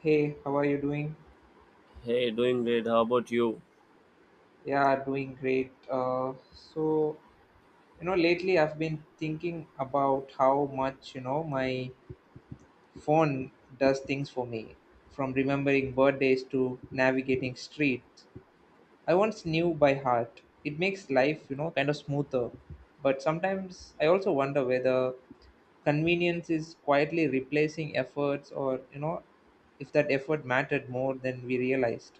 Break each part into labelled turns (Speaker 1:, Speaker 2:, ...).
Speaker 1: Hey, how are you doing?
Speaker 2: Hey, doing great. How about you?
Speaker 1: Yeah, doing great. Lately I've been thinking about how much, my phone does things for me, from remembering birthdays to navigating streets I once knew by heart. It makes life, kind of smoother. But sometimes I also wonder whether convenience is quietly replacing efforts or if that effort mattered more than we realized.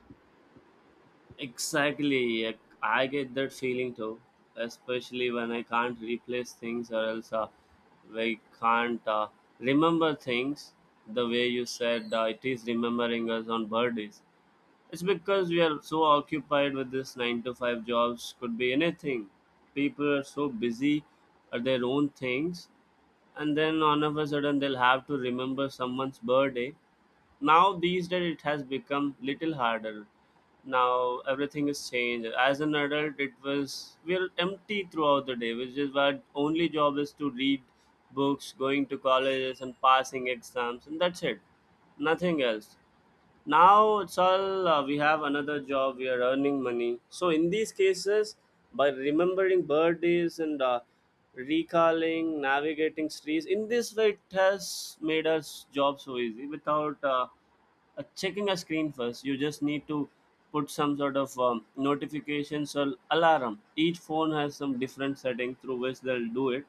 Speaker 2: Exactly. I get that feeling too, especially when I can't replace things or else I can't remember things the way you said it is remembering us on birthdays. It's because we are so occupied with this 9 to 5 jobs, could be anything. People are so busy at their own things, and then all of a sudden they'll have to remember someone's birthday. Now, these days, it has become little harder. Now, everything is changed. As an adult, it was we're empty throughout the day, which is our only job is to read books, going to colleges, and passing exams, and that's it nothing else now it's all we have another job we are earning money so in these cases by remembering birthdays and recalling navigating streets in this way it has made us job so easy without checking a screen first you just need to put some sort of notifications or alarm each phone has some different setting through which they'll do it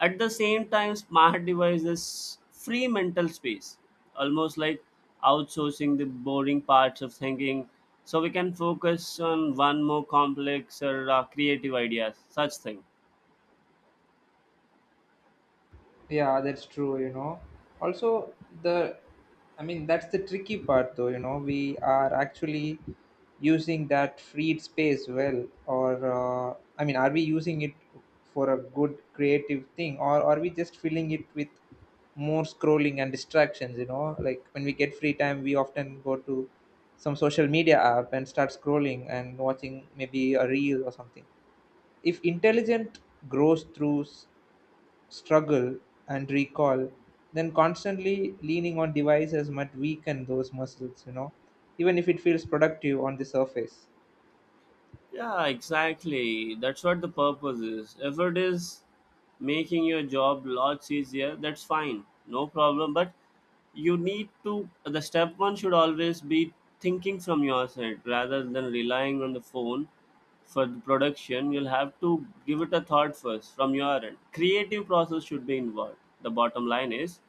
Speaker 2: at the same time, smart devices free mental space, almost like outsourcing the boring parts of thinking so we can focus on one more complex or creative ideas, such thing.
Speaker 1: Yeah, that's true. Also, the that's the tricky part though, we are actually using that freed space well, or are we using it for a good creative thing, or are we just filling it with more scrolling and distractions, Like when we get free time, we often go to some social media app and start scrolling and watching maybe a reel or something. If intelligent grows through struggle and recall, then constantly leaning on devices might weaken those muscles, even if it feels productive on the surface.
Speaker 2: Yeah, exactly. That's what the purpose is. If it is making your job lots easier, that's fine. No problem. But you need to, the step one should always be thinking from your side rather than relying on the phone for the production. You'll have to give it a thought first from your end. Creative process should be involved. The bottom line is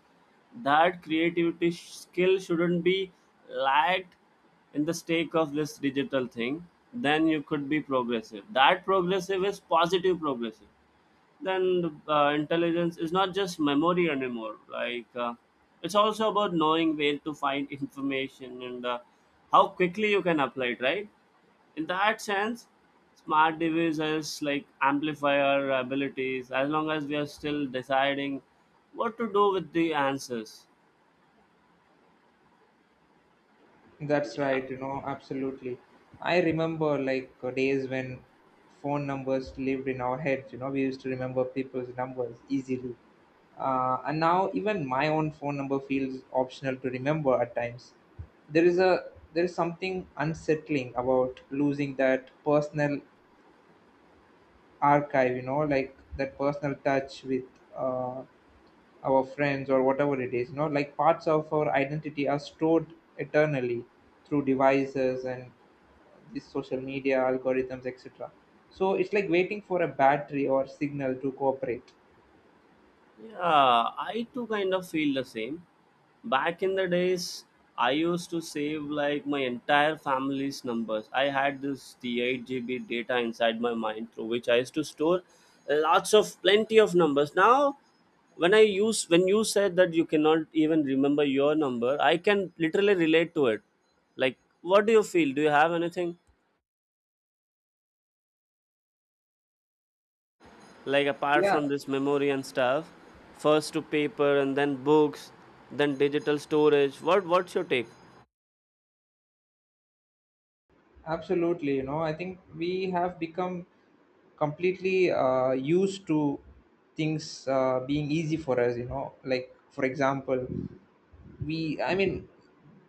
Speaker 2: that skill shouldn't be lagged in the stake of this digital thing. Then you could be progressive. That progressive is positive progressive. Then intelligence is not just memory anymore. Like it's also about knowing where to find information and how quickly you can apply it. Right? In that sense, smart devices like amplifier abilities as long as we are still deciding what to do with the answers.
Speaker 1: That's
Speaker 2: Yeah.
Speaker 1: right, absolutely. I remember days when phone numbers lived in our heads. We used to remember people's numbers easily. And now even my own phone number feels optional to remember at times. There is something unsettling about losing that personal archive, like that personal touch with uh, our friends or whatever it is, like parts of our identity are stored eternally through devices and this social media algorithms, etc. So it's like waiting for a battery or signal to cooperate.
Speaker 2: Yeah, I too kind of feel the same. Back in the days, I used to save like my entire family's numbers. I had this the 8 GB data inside my mind through which I used to store lots of plenty of numbers. Now, when I use when you said that you cannot even remember your number, I can literally relate to it. Like, what do you feel? Do you have anything? Like apart
Speaker 1: yeah
Speaker 2: from this memory and stuff, first to paper and then books, then digital storage, what's your take?
Speaker 1: Absolutely. I think we have become completely used to things being easy for us. Like, for example, we I mean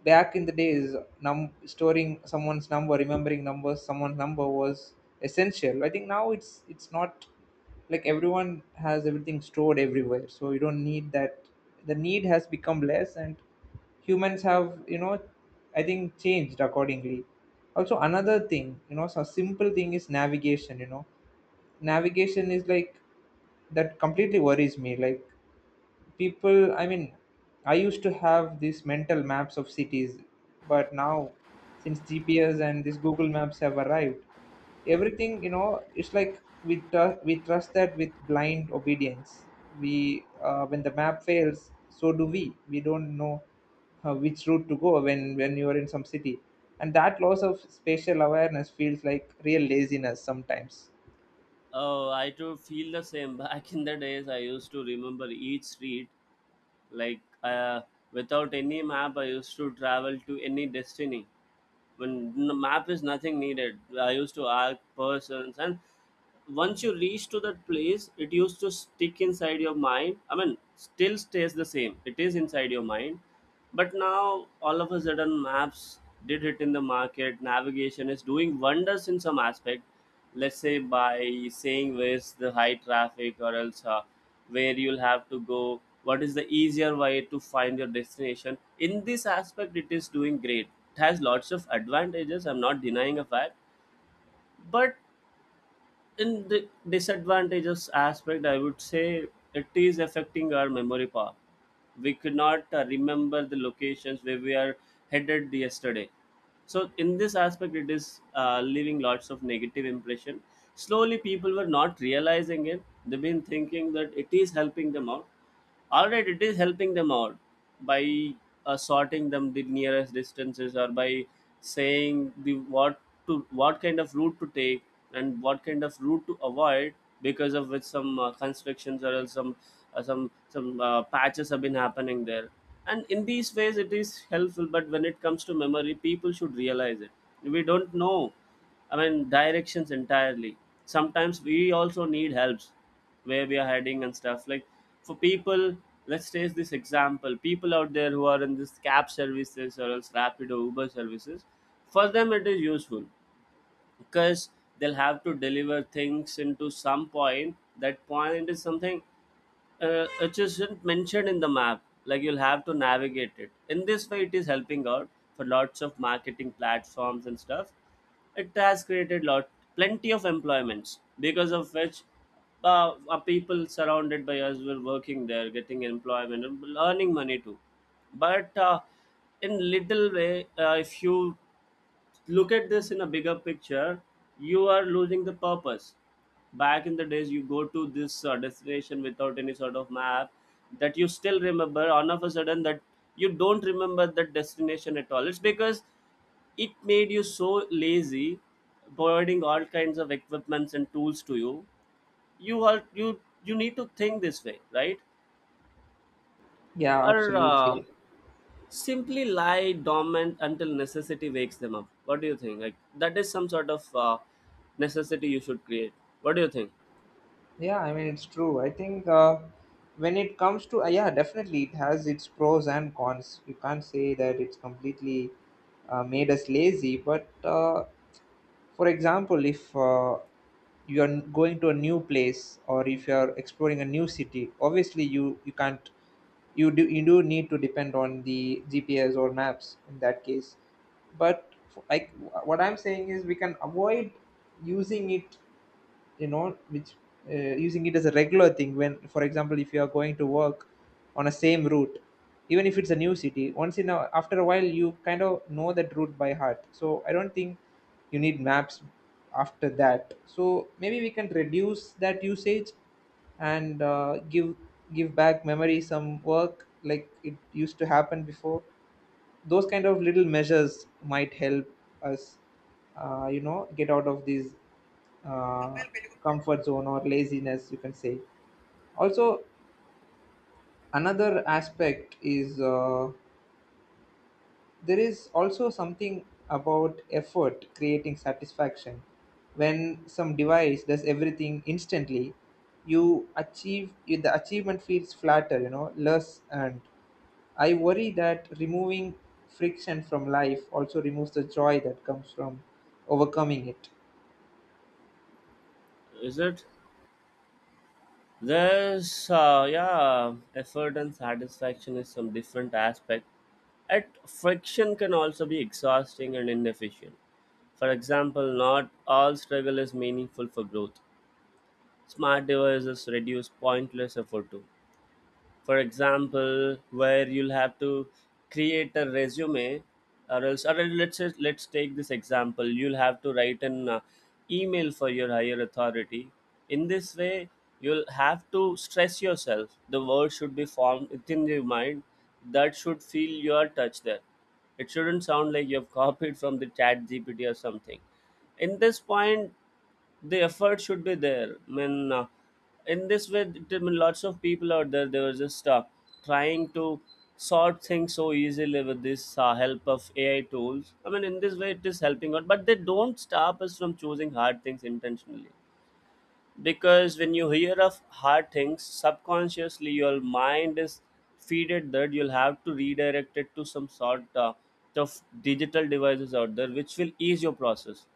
Speaker 1: back in the days, num storing someone's number, remembering numbers, someone's number was essential. I think now it's not. Like, everyone has everything stored everywhere, so you don't need that. The need has become less, and humans have, I think, changed accordingly. Also, another thing, so simple thing is navigation. Navigation is like that completely worries me. People, I used to have these mental maps of cities, but now, since GPS and these Google Maps have arrived, everything, it's like we trust that with blind obedience. We When the map fails, so do we. Don't know which route to go when you are in some city. And that loss of spatial awareness feels like real laziness sometimes.
Speaker 2: Oh, I too feel the same. Back in the days, I used to remember each street, like without any map. I used to travel to any destiny when map is nothing needed. I used to ask persons, and once you reach to that place it used to stick inside your mind. I mean, still stays the same, it is inside your mind. But now all of a sudden maps did hit in the market. Navigation is doing wonders in some aspect, let's say by saying where's the high traffic or else where you'll have to go, what is the easier way to find your destination. In this aspect it is doing great. It has lots of advantages, I'm not denying a fact. But in the disadvantages aspect I would say it is affecting our memory power. We could not remember the locations where we are headed yesterday. So in this aspect it is leaving lots of negative impression. Slowly people were not realizing it. They've been thinking that it is helping them out. All right, it is helping them out by sorting them the nearest distances or by saying the what kind of route to take and what kind of route to avoid, because of which some constructions or else some patches have been happening there. And in these ways it is helpful, but when it comes to memory people should realize it. We don't know, I mean, directions entirely. Sometimes we also need helps where we are heading and stuff. Like for people, let's take this example. People out there who are in this cab services or else rapid or Uber services, for them it is useful because they'll have to deliver things into some point, that point is something is isn't mentioned in the map, like you'll have to navigate it. In this way it is helping out. For lots of marketing platforms and stuff, it has created lot plenty of employments, because of which people surrounded by us were working there, getting employment and earning money too. But in little way, if you look at this in a bigger picture, you are losing the purpose. Back in the days you go to this destination without any sort of map, that you still remember. All of a sudden that you don't remember that destination at all, it's because it made you so lazy, providing all kinds of equipments and tools to you. You are, you need to think this way, right?
Speaker 1: yeah
Speaker 2: Or
Speaker 1: absolutely
Speaker 2: simply lie dormant until necessity wakes them up. What do you think? Like that is some sort of necessity you should create. What do you think?
Speaker 1: Yeah, I mean it's true. I think when it comes to yeah, definitely it has its pros and cons. You can't say that it's completely made us lazy. But for example, if you are going to a new place or if you are exploring a new city, obviously you can't. You do need to depend on the GPS or maps in that case. But what I'm saying is we can avoid using it, you know which uh, using it as a regular thing when, for example, if you are going to work on a same route, even if it's a new city, once in a, after a while, you kind of know that route by heart. So I don't think you need maps after that. So maybe we can reduce that usage and give back memory some work like it used to happen before. Those kind of little measures might help us, get out of this uh, comfort zone or laziness, you can say. Also, another aspect is there is also something about effort creating satisfaction. When some device does everything instantly, the achievement feels flatter, less. And I worry that removing friction from life also removes the joy that comes from overcoming it.
Speaker 2: Is it? There's yeah, effort and satisfaction is some different aspect, at friction can also be exhausting and inefficient. For example, not all struggle is meaningful for growth. Smart devices reduce pointless effort too. For example, where you'll have to create a resume, or else let's just, let's take this example. You'll have to write an email for your higher authority. In this way you'll have to stress yourself, the word should be formed within your mind, that should feel your touch there. It shouldn't sound like you've copied from the chat gpt or something. In this point, the effort should be there. I mean, in this way, I mean, lots of people out there they were just trying to sort things so easily with this help of AI tools. I mean, in this way, it is helping out, but they don't stop us from choosing hard things intentionally, because when you hear of hard things subconsciously your mind is feeded that you'll have to redirect it to some sort of digital devices out there which will ease your process.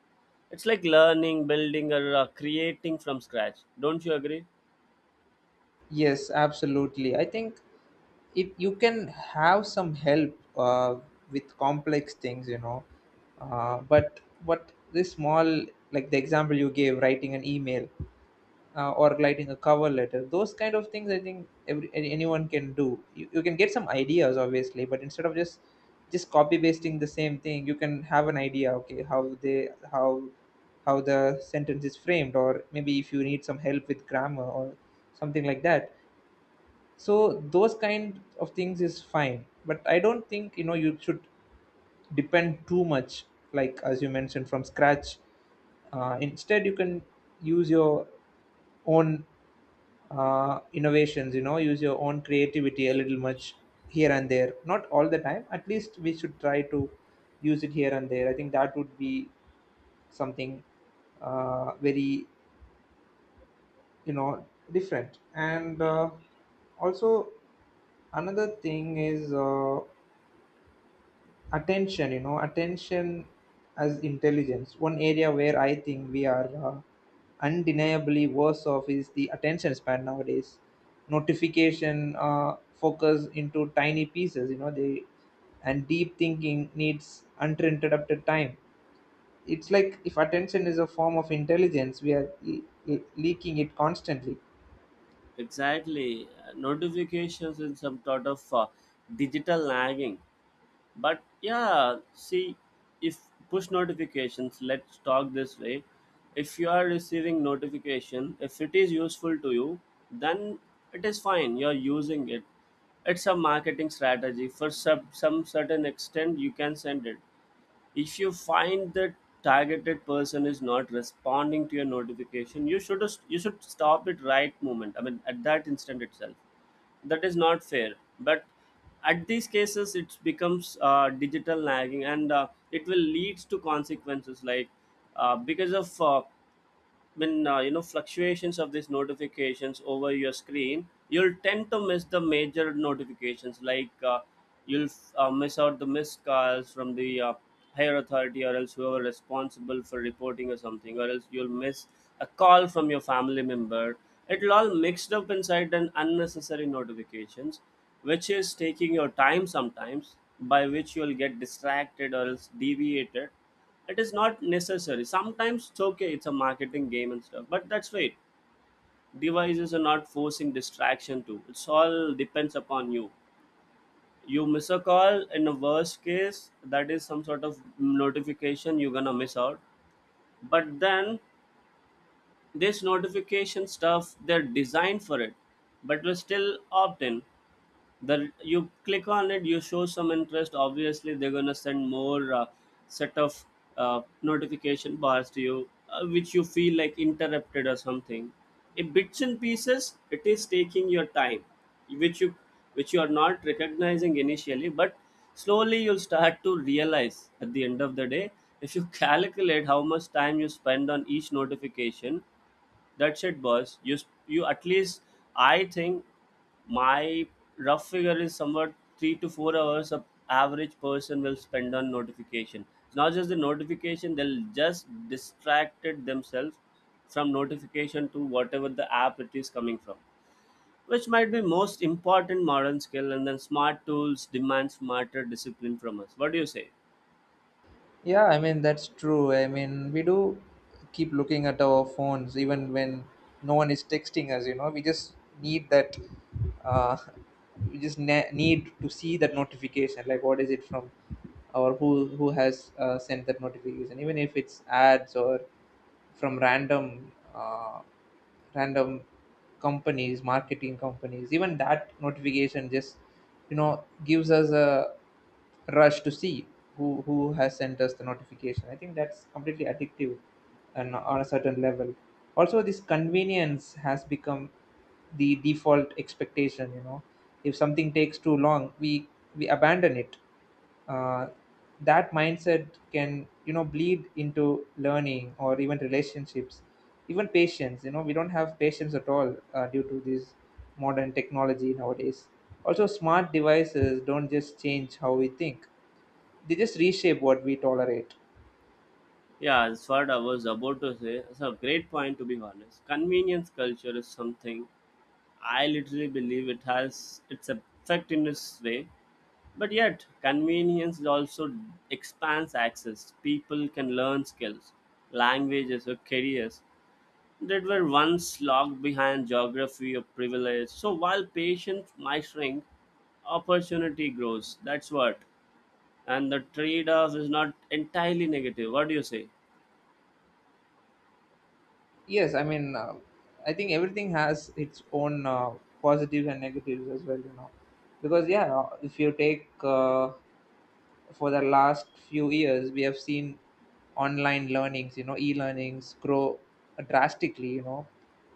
Speaker 2: It's like learning building or creating from scratch. Don't you agree?
Speaker 1: Yes, absolutely. I think it, you can have some help with complex things, but what this small, like the example you gave, writing an email or writing a cover letter, those kind of things, I think anyone can do. You can get some ideas, obviously, but instead of just copy pasting the same thing, you can have an idea, okay, how the sentence is framed, or maybe if you need some help with grammar or something like that. So those kind of things is fine, but I don't think, you should depend too much, like as you mentioned, from scratch. Instead, you can use your own innovations. Use your own creativity a little much here and there, not all the time. At least we should try to use it here and there. I think that would be something very you know different. And also, another thing is attention you know attention as intelligence. One area where I think we are undeniably worse off is the attention span nowadays. Notification, focus into tiny pieces, you know they and deep thinking needs uninterrupted time. It's like if attention is a form of intelligence, we are leaking it constantly.
Speaker 2: Exactly. Notifications in some sort of digital lagging. But yeah, see, if push notifications, let's talk this way. If you are receiving notification, if it is useful to you, then it is fine, you're using it. It's a marketing strategy for some certain extent you can send it. If you find that targeted person is not responding to your notification, you should stop it right moment, I mean at that instant itself. That is not fair. But at these cases it becomes digital nagging and it will leads to consequences like, because of when you know, fluctuations of these notifications over your screen, you'll tend to miss the major notifications, like you'll miss out the missed calls from the higher authority or else whoever responsible for reporting or something, or else you'll miss a call from your family member. It'll all mixed up inside an unnecessary notifications, which is taking your time sometimes, by which you'll get distracted or else deviated. It is not necessary sometimes, it's okay, it's a marketing game and stuff. But that's right, devices are not forcing distraction to, it's all depends upon you. You miss a call in the worst case, that is some sort of notification you're gonna miss out. But then this notification stuff, they're designed for it, but we still opt in, that you click on it, you show some interest, obviously they're gonna send more set of notification bars to you, which you feel like interrupted or something. In bits and pieces it is taking your time, which you, which you are not recognizing initially, but slowly you'll start to realize at the end of the day if you calculate how much time you spend on each notification. That's it, boss. You at least, I think my rough figure is somewhat 3 to 4 hours a average person will spend on notification. It's not just the notification, they'll just distracted themselves from notification to whatever the app it is coming from, which might be most important modern skill. And then smart tools demand smarter discipline from us. What do you say?
Speaker 1: Yeah, I mean that's true. I mean, we do keep looking at our phones even when no one is texting us. You know, we just need that. Uh, we just need to see that notification. Like, what is it from, or who has sent that notification? Even if it's ads or from random. Random companies, marketing companies, even that notification just, gives us a rush to see who has sent us the notification. I think that's completely addictive. And on a certain level, also this convenience has become the default expectation. You know, if something takes too long, we abandon it. uh, that mindset can, bleed into learning or even relationships, even patience. You know, we don't have patience at all due to this modern technology nowadays. Also, smart devices don't just change how we think, they just reshape what we tolerate.
Speaker 2: Yeah, that's what I was about to say. It's a great point, to be honest. Convenience culture is something I literally believe it has its effect in this way. But yet, convenience also expands access. People can learn skills, languages, or careers that were once locked behind geography or privilege. So while patience might shrink, opportunity grows. That's what. And the trade off is not entirely negative. What do you say?
Speaker 1: Yes I mean, I think everything has its own positives and negatives as well. You know because Yeah, if you take, for the last few years we have seen online learnings, e-learnings grow drastically.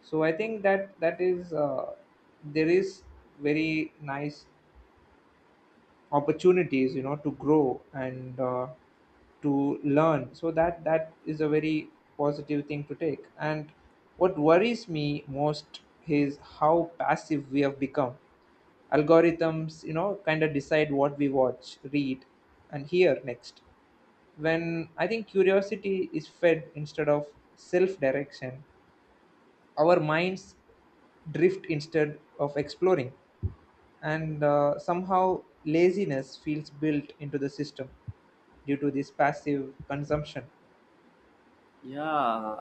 Speaker 1: So I think that is there is very nice opportunities, to grow and to learn. So that is a very positive thing to take. And what worries me most is how passive we have become. Algorithms, kind of decide what we watch, read, and hear next. When I think curiosity is fed instead of self direction, our minds drift instead of exploring, and somehow laziness feels built into the system due to this passive consumption.
Speaker 2: Yeah,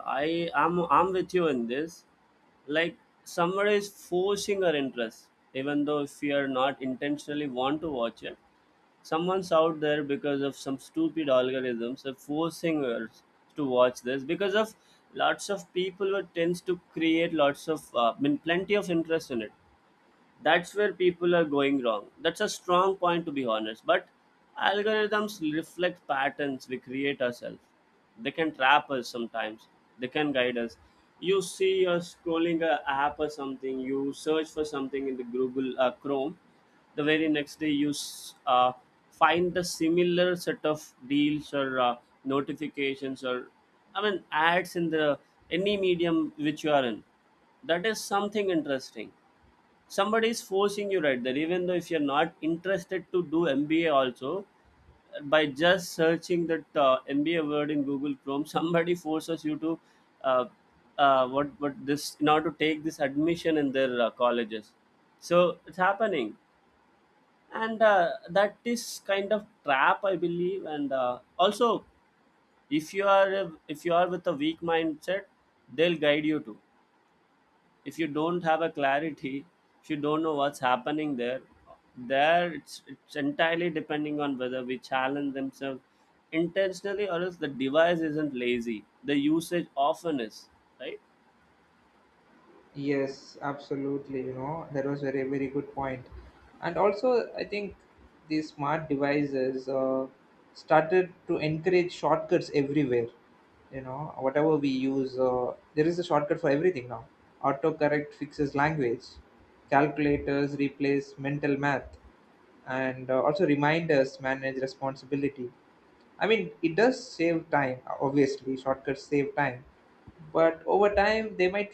Speaker 2: I'm with you in this. Like somewhere is forcing our interest, even though if we are not intentionally want to watch it. Someone's out there because of some stupid algorithms are forcing us to watch this because of lots of people who tends to create lots of I mean plenty of interest in it. That's where people are going wrong. That's a strong point, to be honest, but algorithms reflect patterns we create ourselves. They can trap us sometimes, they can guide us. You see, you're scrolling a app or something, you search for something in the Google Chrome, the very next day you find the similar set of deals or notifications or I mean ads in the any medium which you are in. That is something interesting. Somebody is forcing you right there, even though if you're not interested to do MBA also. By just searching that MBA word in Google Chrome, somebody forces you to uh, what this in order to take this admission in their colleges. So it's happening. And that is kind of trap I believe. And also, if you are with a weak mindset, they'll guide you to. If you don't have a clarity, if you don't know what's happening there, there it's entirely depending on whether we challenge themselves intentionally, or else the device isn't lazy, the usage often is. Right?
Speaker 1: Yes, absolutely. You know, that was very, very good point. And also, I think these smart devices started to encourage shortcuts everywhere. You know, whatever we use, there is a shortcut for everything now. Autocorrect fixes language, calculators replace mental math, and also reminders manage responsibility. I mean, it does save time. Obviously, shortcuts save time, but over time they might,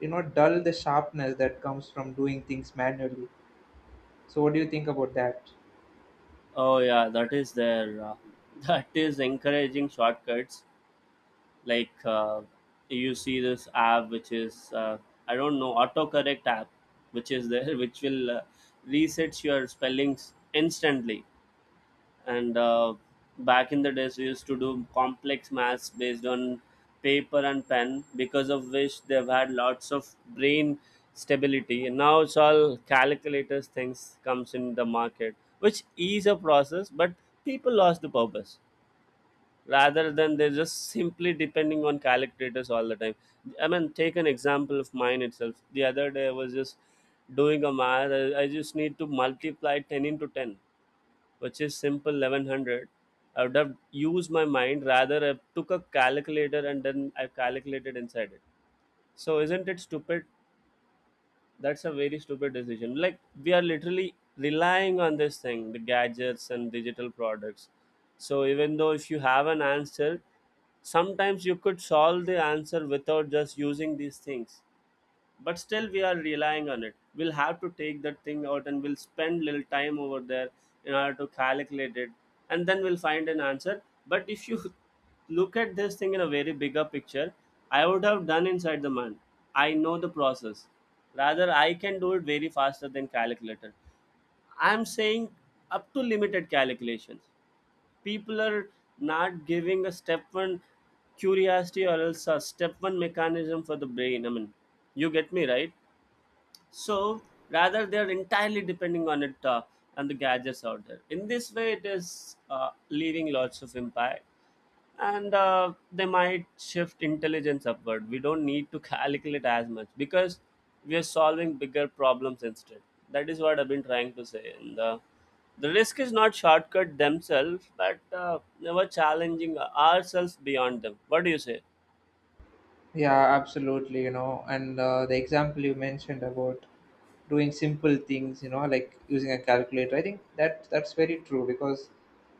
Speaker 1: you know, dull the sharpness that comes from doing things manually. So, what do you think about that?
Speaker 2: Oh yeah, that is there. That is encouraging shortcuts. Like you see this app which is I don't know, autocorrect app which is there, which will resets your spellings instantly. And back in the days we used to do complex maths based on paper and pen, because of which they've had lots of brain stability. And now it's all calculators things comes in the market, which is a process, but people lost the purpose, rather than they're just simply depending on calculators all the time. I mean, take an example of mine itself. The other day I was just doing a math, I just need to multiply 10 into 10, which is simple 1100. I would have used my mind, rather I took a calculator and then I calculated inside it. So isn't it stupid? That's a very stupid decision. Like we are literally relying on this thing, the gadgets and digital products. So even though if you have an answer sometimes, you could solve the answer without just using these things, but still we are relying on it. We'll have to take that thing out and we'll spend little time over there in order to calculate it, and then we'll find an answer. But if you look at this thing in a very bigger picture, I would have done inside the month, I know the process, rather I can do it very faster than calculator. I'm saying up to limited calculations, people are not giving a step one curiosity, or else a step one mechanism for the brain, I mean. You get me, right? So rather they are entirely depending on it. And the gadgets out there, in this way it is leaving lots of impact. And they might shift intelligence upward. We don't need to calculate as much because we are solving bigger problems instead. That is what I've been trying to say. And the risk is not shortcut themselves, but never challenging ourselves beyond them. What do you say?
Speaker 1: Yeah, absolutely. You know, and the example you mentioned about doing simple things, you know, like using a calculator, I think that's very true because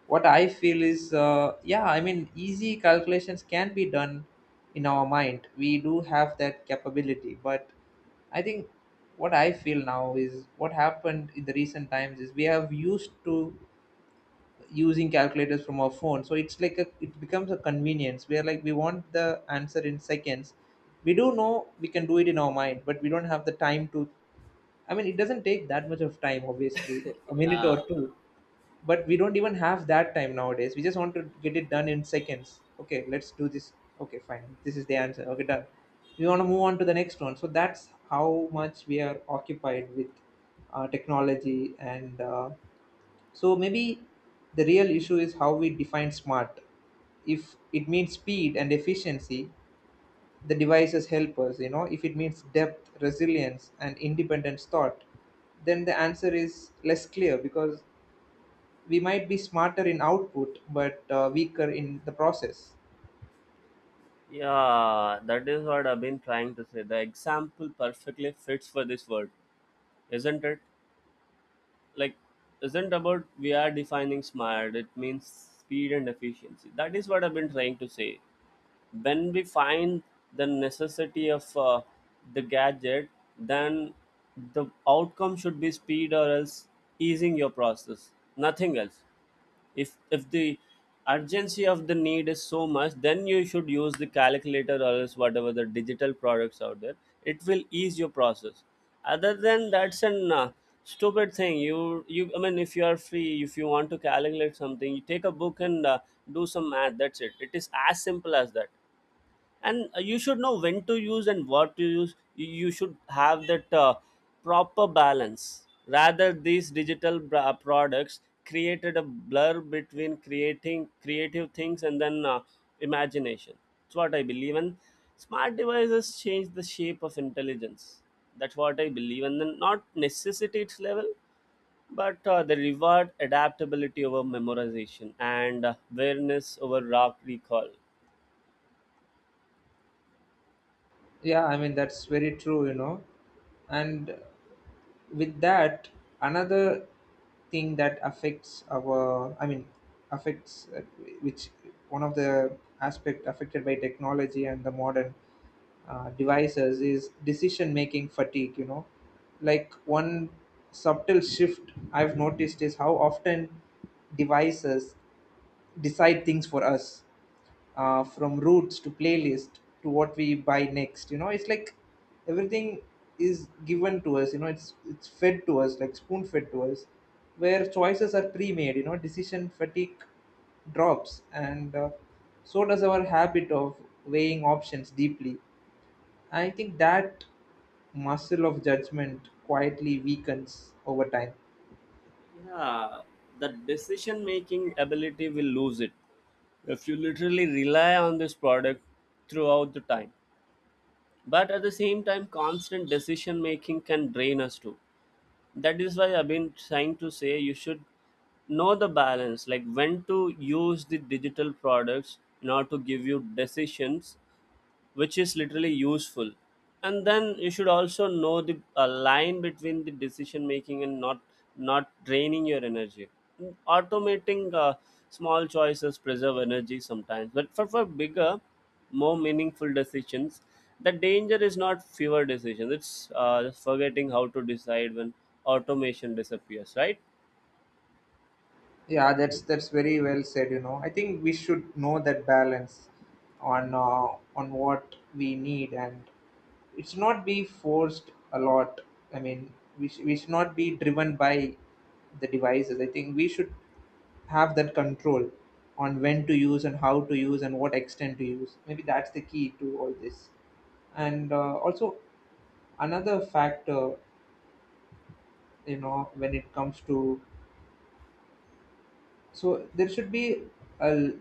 Speaker 1: what I feel is, yeah, I mean, easy calculations can be done in our mind. We do have that capability. But I think what I feel now is what happened in the recent times is we have used to using calculators from our phone, so it's like a, it becomes a convenience where, like, we want the answer in seconds. We do know we can do it in our mind, but we don't have the time to, I mean, it doesn't take that much of time, obviously, a minute
Speaker 2: Yeah.
Speaker 1: or two. But we don't even have that time nowadays. We just want to get it done in seconds. Okay, let's do this. Okay, fine, this is the answer, okay, done. We want to move on to the next one. So that's how much we are occupied with technology. And so maybe the real issue is how we define smart. If it means speed and efficiency, the devices help us, you know. If it means depth, resilience, and independent thought, then the answer is less clear because we might be smarter in output but weaker in the process.
Speaker 2: Yeah, that is what I've been trying to say. The example perfectly fits for this word, isn't it? Like, isn't about we are defining smart, it means speed and efficiency. That is what I've been trying to say. When we find the necessity of the gadget, then the outcome should be speed or else easing your process, nothing else. If the urgency of the need is so much, then you should use the calculator or else whatever the digital products out there, it will ease your process. Other than that's an stupid thing. You I mean, if you are free, if you want to calculate something, you take a book and do some math, that's it. It is as simple as that. And you should know when to use and what to use. You should have that proper balance. Rather these digital products created a blur between creating creative things and then imagination, that's what I believe. And smart devices change the shape of intelligence, that's what I believe, and then not necessity its level, but the reward adaptability over memorization and awareness over rock recall.
Speaker 1: Yeah, I mean, that's very true, you know. And with that, another thing that affects our I mean affects, which one of the aspect affected by technology and the modern devices is decision making fatigue. You know, like, one subtle shift I've noticed is how often devices decide things for us, from roots to playlist to what we buy next. You know, it's like everything is given to us. It's fed to us, like spoon fed to us, where choices are pre-made. You know, decision fatigue drops, and so does our habit of weighing options deeply. I think that muscle of judgment quietly weakens over time.
Speaker 2: Yeah, the decision making ability will lose it if you literally rely on this product throughout the time. But at the same time, constant decision making can drain us too. That is why I've been trying to say you should know the balance, like when to use the digital products in order to give you decisions which is literally useful. And then you should also know the line between the decision making and not draining your energy. Mm, automating small choices preserve energy sometimes, but for bigger more meaningful decisions, the danger is not fewer decisions, it's just forgetting how to decide when automation disappears, right?
Speaker 1: Yeah, that's very well said. You know, I think we should know that balance on, on what we need, and it should not be forced a lot. I mean, we should not be driven by the devices. I think we should have that control on when to use and how to use and what extent to use. Maybe that's the key to all this. And also, another factor, you know, when it comes to, so there should be a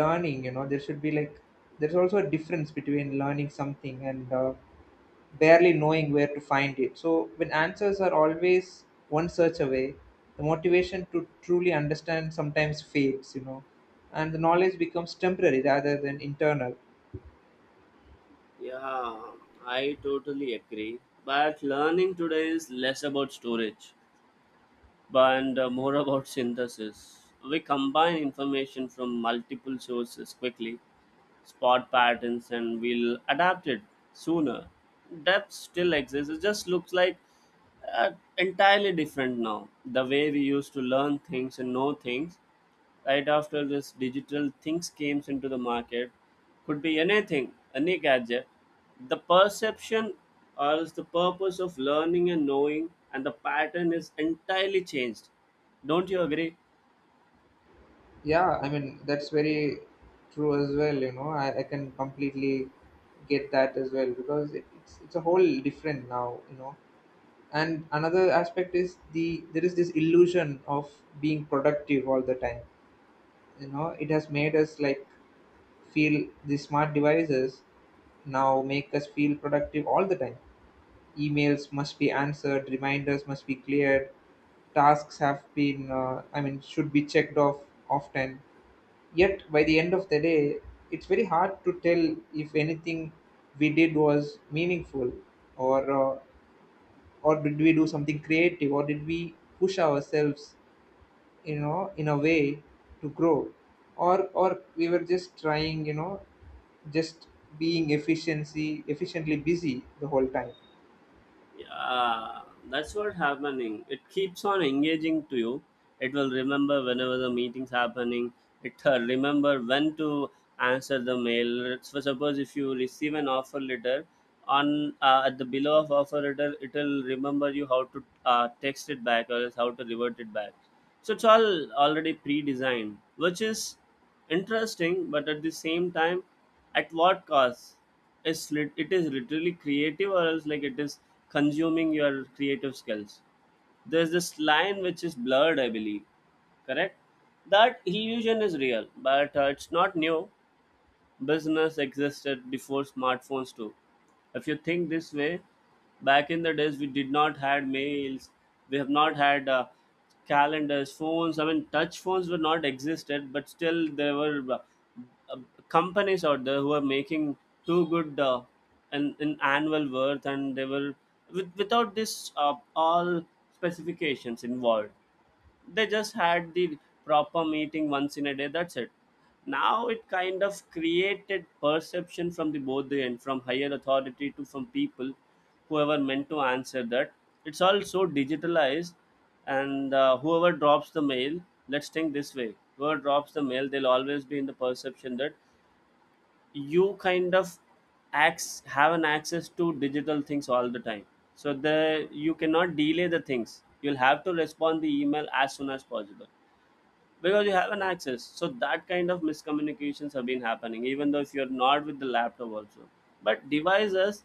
Speaker 1: learning. You know, there should be like, there's also a difference between learning something and barely knowing where to find it. So when answers are always one search away, the motivation to truly understand sometimes fades, you know. And the knowledge becomes temporary rather than internal.
Speaker 2: Yeah, I totally agree. But learning today is less about storage. But and more about synthesis. We combine information from multiple sources quickly, spot patterns, and we'll adapt it sooner. Depth still exists. It just looks like uh, entirely different now. The way we used to learn things and know things right after this digital things came into the market, could be anything, any gadget. The perception or is the purpose of learning and knowing and the pattern is entirely changed, don't you agree?
Speaker 1: Yeah I mean, that's very true as well. I can completely get that as well, because it's a whole different now, you know. And another aspect is there is this illusion of being productive all the time. You know, it has made us like feel, the smart devices now make us feel productive all the time. Emails must be answered, reminders must be cleared, tasks have been, should be checked off often. Yet by the end of the day, it's very hard to tell if anything we did was meaningful, or did we do something creative, or did we push ourselves, you know, in a way to grow, or we were just trying, you know, just being efficiency efficiently busy the whole time.
Speaker 2: Yeah, that's what happening. It keeps on engaging to you. It will remember whenever the meeting's happening. It remember when to answer the mail. So suppose if you receive an offer letter, on at the below of offer letter, it will remember you how to text it back or else how to revert it back. So it's all already pre-designed, which is interesting, but at the same time, at what cost? It's it is literally creative, or else like it is consuming your creative skills. There's this line which is blurred, I believe. Correct? That illusion is real, but it's not new. Business existed before smartphones too. If you think this way, back in the days we did not had mails, we have not had calendars, phones. I mean, touch phones were not existed, but still there were uh, companies out there who are making too good an annual worth, and they were with, without this all specifications involved. They just had the proper meeting once in a day, that's it. Now it kind of created perception from the both the end, from higher authority to from people whoever meant to answer that. It's all so digitalized. And whoever drops the mail, let's think this way, whoever drops the mail, they'll always be in the perception that you kind of acts have an access to digital things all the time. So the you cannot delay the things, you'll have to respond the email as soon as possible because you have an access. So that kind of miscommunications have been happening, even though if you're not with the laptop also. But devices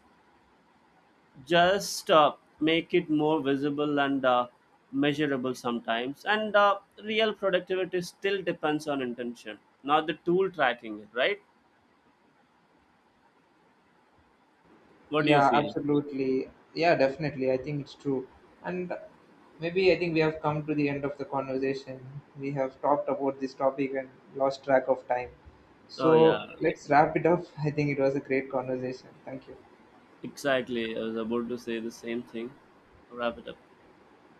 Speaker 2: just make it more visible and measurable sometimes. And real productivity still depends on intention, not the tool tracking it, right? What do you
Speaker 1: Yeah,
Speaker 2: feel?
Speaker 1: absolutely. Yeah, definitely, I think it's true. And maybe I think we have come to the end of the conversation. We have talked about this topic and lost track of time,
Speaker 2: Oh
Speaker 1: so
Speaker 2: yeah,
Speaker 1: let's wrap it up. I think it was a great conversation. Thank you.
Speaker 2: exactly, I was about to say the same thing. Wrap it up.